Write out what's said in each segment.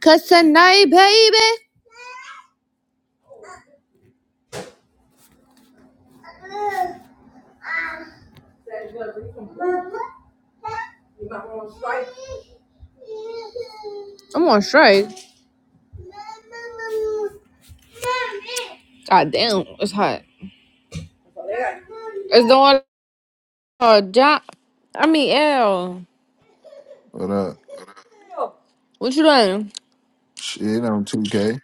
Cause tonight, baby, I'm on strike. God damn, it's hot. It's doing a job. I mean, L. What up? What you doing? Shit, I'm 2K.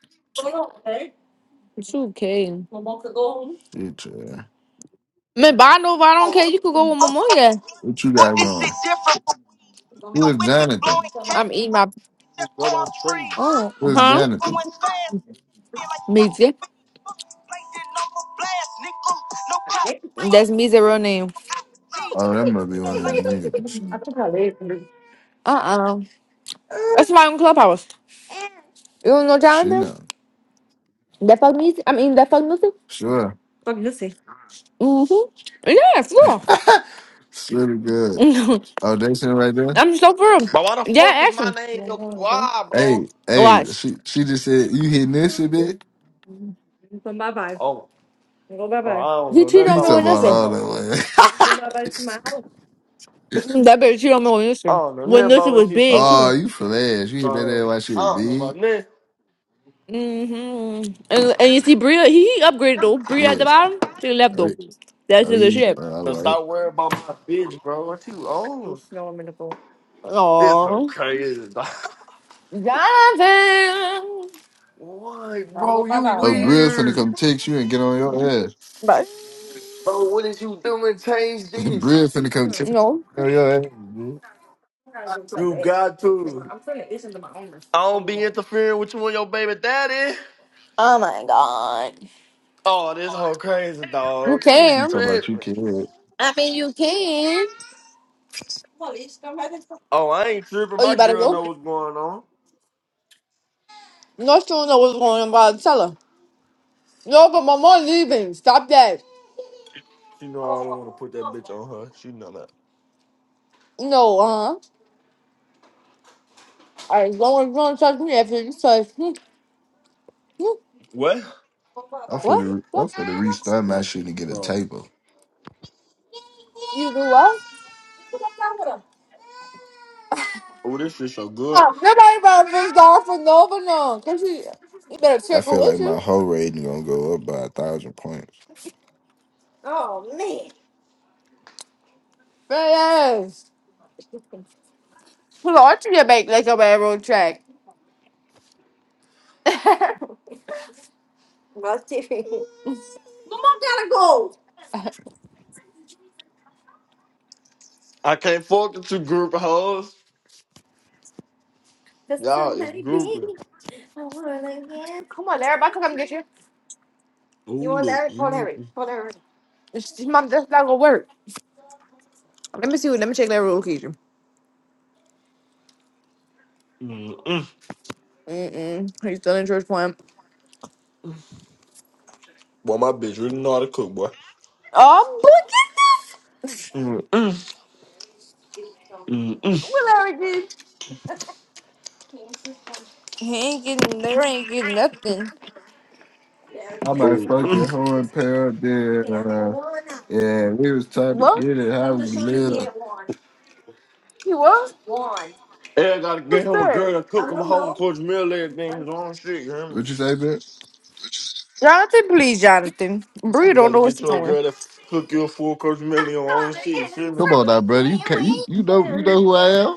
2K. Shit, yeah. Man, but I know if I don't care, you could go with my mom, yeah. What you But got this shit going? different. Who And is with me Jonathan? blowing cash, I'm eating my. it's just going blowing on, trees. Oh, Who is huh? Jonathan? Going fast, feel like fuck Meezy. speed. Play that number blast, nigga. No cop free. That's Meezy's real name. No IG. Oh, that must be Look one of like them niggas. Uh uh That's my own clubhouse. You don't know She Jonathan? know. That fuck music? I mean, that fuck music? Sure. Mm hmm. Yeah, for Sure to good. real. Oh, they sitting right there? I'm so for real. But why the Yeah, fuck is ask my him. name your why, bro? Hey, hey, Watch. she she just said, you hitting this shit, bitch? Oh, bro, I don't He know cheated nothing on He about me what talking with she about nothing. talking all about. that way. Mm, That bitch she don't know on I Instagram. don't know nothing When this about what was she big talking oh, too. about, you flash. You hit that ass bro. like she I was don't know big? about nothing. hmm And and you see Bria, he he upgraded though. Bria at the Yeah. bottom, she left All though. right. That's Oh, the he, shit. oh, all But right. stop worrying about my bitch, bro. What you on? He's snow in the pool. It's so Aww. crazy. dog. Jonathan. I what, Gotta go bro? bye You bye, Oh, okay? Brill finna weird, come text you and get on your ass. Bye. bro. What is you doing? Change this. Bria finna come check. No. Yo, yo, hey, bitch. You got to. I don't be interfering with you and your baby daddy. Oh my god. Oh, this whole crazy You dog. She She can. talking about you tripping. can't. I mean, you can. Oh, I ain't tripping. Oh, My you better girl go. know what's going on. No, she don't know what's going on, but i tell her. No, but my mom's leaving. Stop that. She know I don't want to put that bitch on her. She know that. No, uh huh. I as long as you touch me, if you touch me, you- What? I'm what? finna, I'm What? finna restart my shit and get a Bro. table. You do what? Oh, this shit so good. Oh, nobody about to be for Nova now, cause you, you better I check her feel with like my you. whole rating gonna go up by a thousand points. Yes. Put on to your back like a railroad track. come I can't fuck with two group hoes. Y'all is grouping. on, everybody come get you. Oh, look. Mm-mm. It's, it's mom, that's not gonna work. Let me see let me check that road occasion. Mm-mm. Mm-mm, he's still in church plan. Boy, my bitch really know how to cook, boy. Oh, boy, get this! Mm-mm. Mm-mm. What Larry did? He ain't getting, there ain't getting nothing. I might fuck your Mm-mm. horn pair up there. Uh, yeah, we was trying to What? get it. How we live? He what? Hey, I gotta get Who's him a girl that? that cook him a home cooked meal, everything, his own shit, you hear me? What you say, bitch? Jonathan, please, Jonathan. Bree You don't gotta know what get she's you a doing. girl that cook you a full cooked meal, your own shit, you feel me? Come on now, brother. You can't, you, you know you know who I am.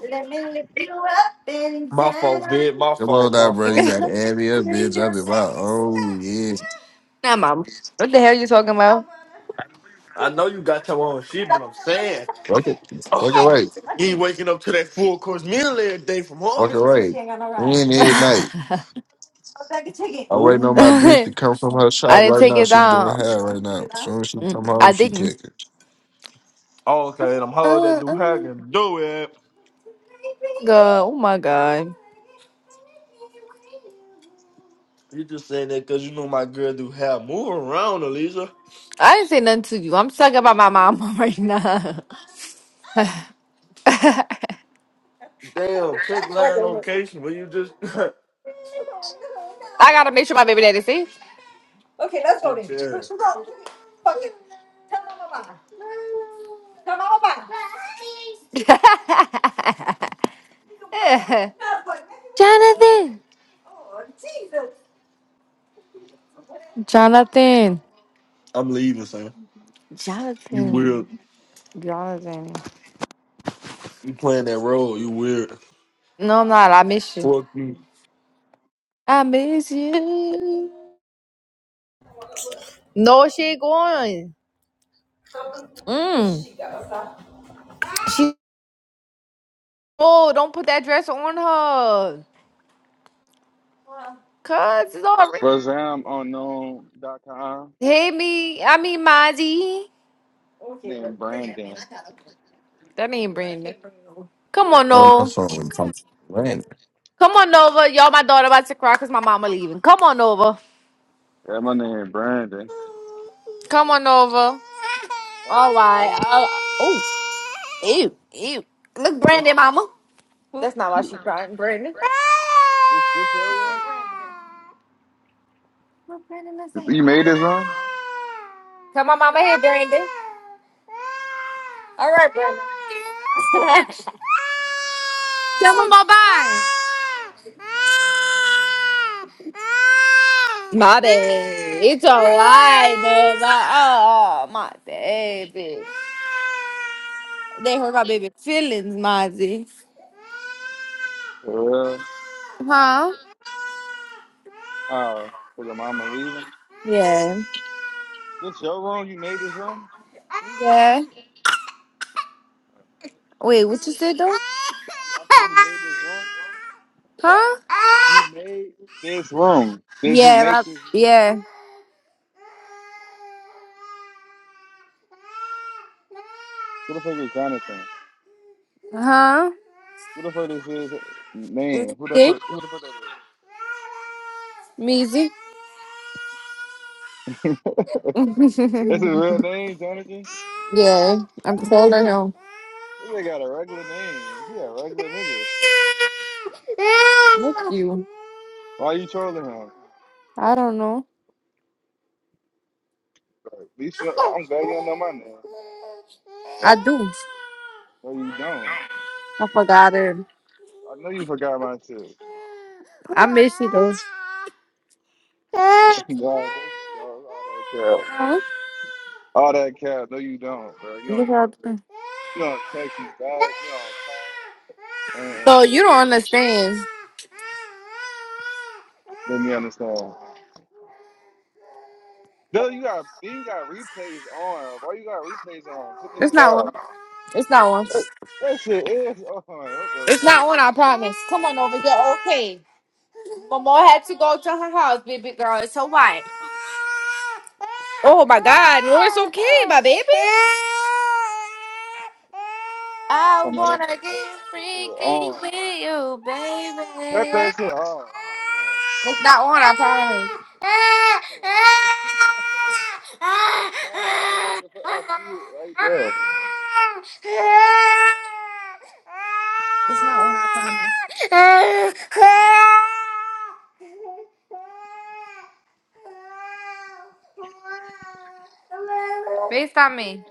My fault, bitch, my Come on fault, now, my brother. You fault. gotta add me up, bitch. I'm in my own yeah. nah, mom. What the hell you talking about? I know you got your own shit, but I'm saying. Fuck it. Fuck Ugh. it right. You ain't waking up to that full course meal every day from her. Fuck it right. We in here at night. I'm waiting on Oh, my bitch to I come from her shop didn't right take now. it She doing down. hair right now. As soon as she Mm, come home, I she didn't. kicking. okay. Them hoes that Uh, do uh, hack and do it. God, oh my God. You just saying that because you know my girl do have. Move around, Elisa. I didn't say nothing to you. I'm talking about my mama right now. I Damn, check land location. Where you just gotta make sure my baby daddy see. shit, yeah. Jonathan. Jonathan. I'm leaving, son. You weird. Jonathan. Jonathan. You playing that role. You weird. No, I'm not. I miss you. Fuck you. I miss you. No, she ain't going. Mm. She oh, don't put that dress on her. Cause it's already Razam unknown.com. Hey me. I mean Mozzie. Name Brandon. That ain't Brandon. Come on, I'm on my Nova. phone. Come on over. Y'all my daughter about to cry because my mama leaving. Come on over. Yeah, my name Brandon. Come on over. Oh, All oh right. yeah. Uh, oh, ew, ew. Look, This Brandon, mama. That's not why she crying, Brandon. this this your What Brandon is room? that? You made this room? Come on, mama here, Brandon. All right, Brandon. Tell them bye bye. My baby. It's alright, baby. oh, my baby. They hurt my baby feelings, Mozzie. For real? Huh? How? Cause your mama leaving? Yeah. This your room? You made this room? Yeah. Wait, what you said though? I said you made this room. Huh? You made This room? Did you Yeah, my, make this? yeah. Who the fuck is Jonathan? Huh? Who the fuck is his name? Who the Measy. fuck? Who the fuck that Measy. is? That's his real name, Jonathan. Yeah, I'm calling him. This nigga got a regular name. He a regular nigga. Look you. Why you trolling him? I don't know. Like, At least you, I'm glad you don't know my name. I do. No, you don't. I forgot it. I know you forgot my shit. I miss you though. nah, no, you don't. All that cap. Huh? All that cap. No, you don't, bro. You don't Look even. out there. You don't text me back. You don't call. I don't So you don't care. understand. Let me understand. No, you got. Then you got replays on. Why you got replays on? Get this It's shit not off. one. It's not one. That, that shit is on. What the It's fuck? not one. I promise. Come on over here. Okay. Mama had to go to her house, baby girl. It's her wife. Oh my god, no, it's okay, my baby. I Somebody that wanna shit on. get That shit freaky on. with you, Cut baby. that shit off right It's not on, I now. Thomas, bro. What promise. the fuck? I see it right there. It's not one I promise. Based on me.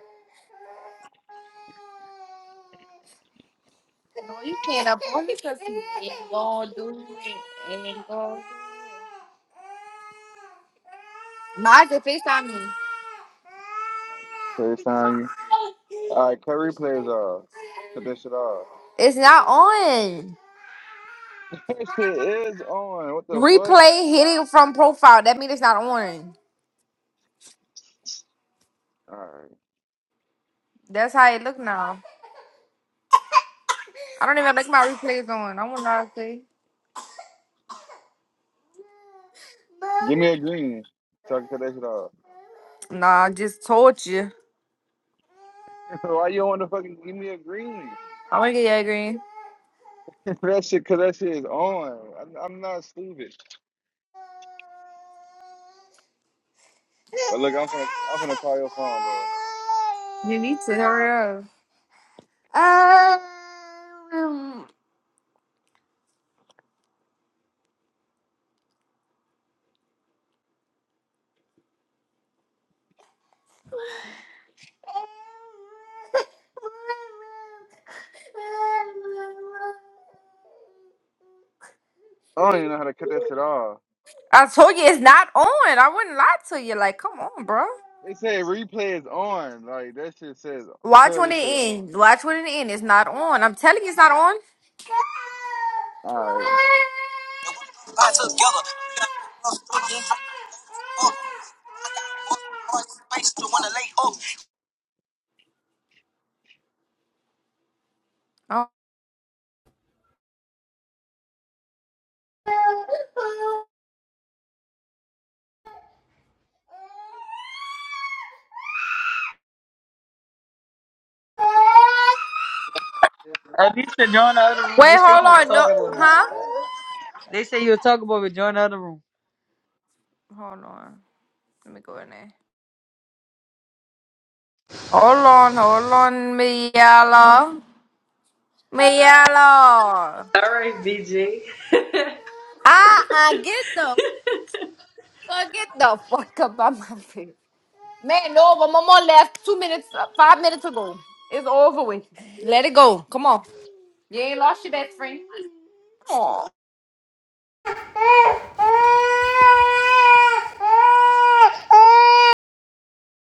No, you can't up on me because you ain't gonna do it. Ain't gonna do it. Maja, FaceTime me. Curry sign you. All right, Curry plays uh, Cut that shit off. It's not on. That shit is on. What the fuck? Replay hidden from profile. That means it's not on. All right, That's how it look now. I don't even like my replays on. I want to say. give me a green. So I can cut that shit off. Nah, I just told you. Why you don't want to fucking give me a green? I want to get you green. that shit, cause that shit is on. I'm, I'm not stupid. But look, I'm gonna, I'm gonna call your phone though. You need to hurry up. Um, I don't even know how to cut that shit off. I told you it's not on. I wouldn't lie to you. Like, come on, bro. They say replay is on. Like that shit says Watch clearly when it say on. ends. Watch when it ends. It's not on. I'm telling you, it's not on. All right. they wanna go by together. They got a lot of stuff, You ain't trying to fuck. I got a bust, hard space to wanna lay up. Oh. Alicia, join the other room. Wait, They say hold you was on. No, talking about me. huh? They say you were talking about me. Join the other room. Hold on. Let me go in there. Hold on, hold on, me yellow. Me yellow. All right, BG. Ah, uh, get the fuck, get the fuck up out my face. Man, no, but one more left. Two minutes, uh, five minutes ago. It's over with. Let it go. Come on. You ain't lost your best friend.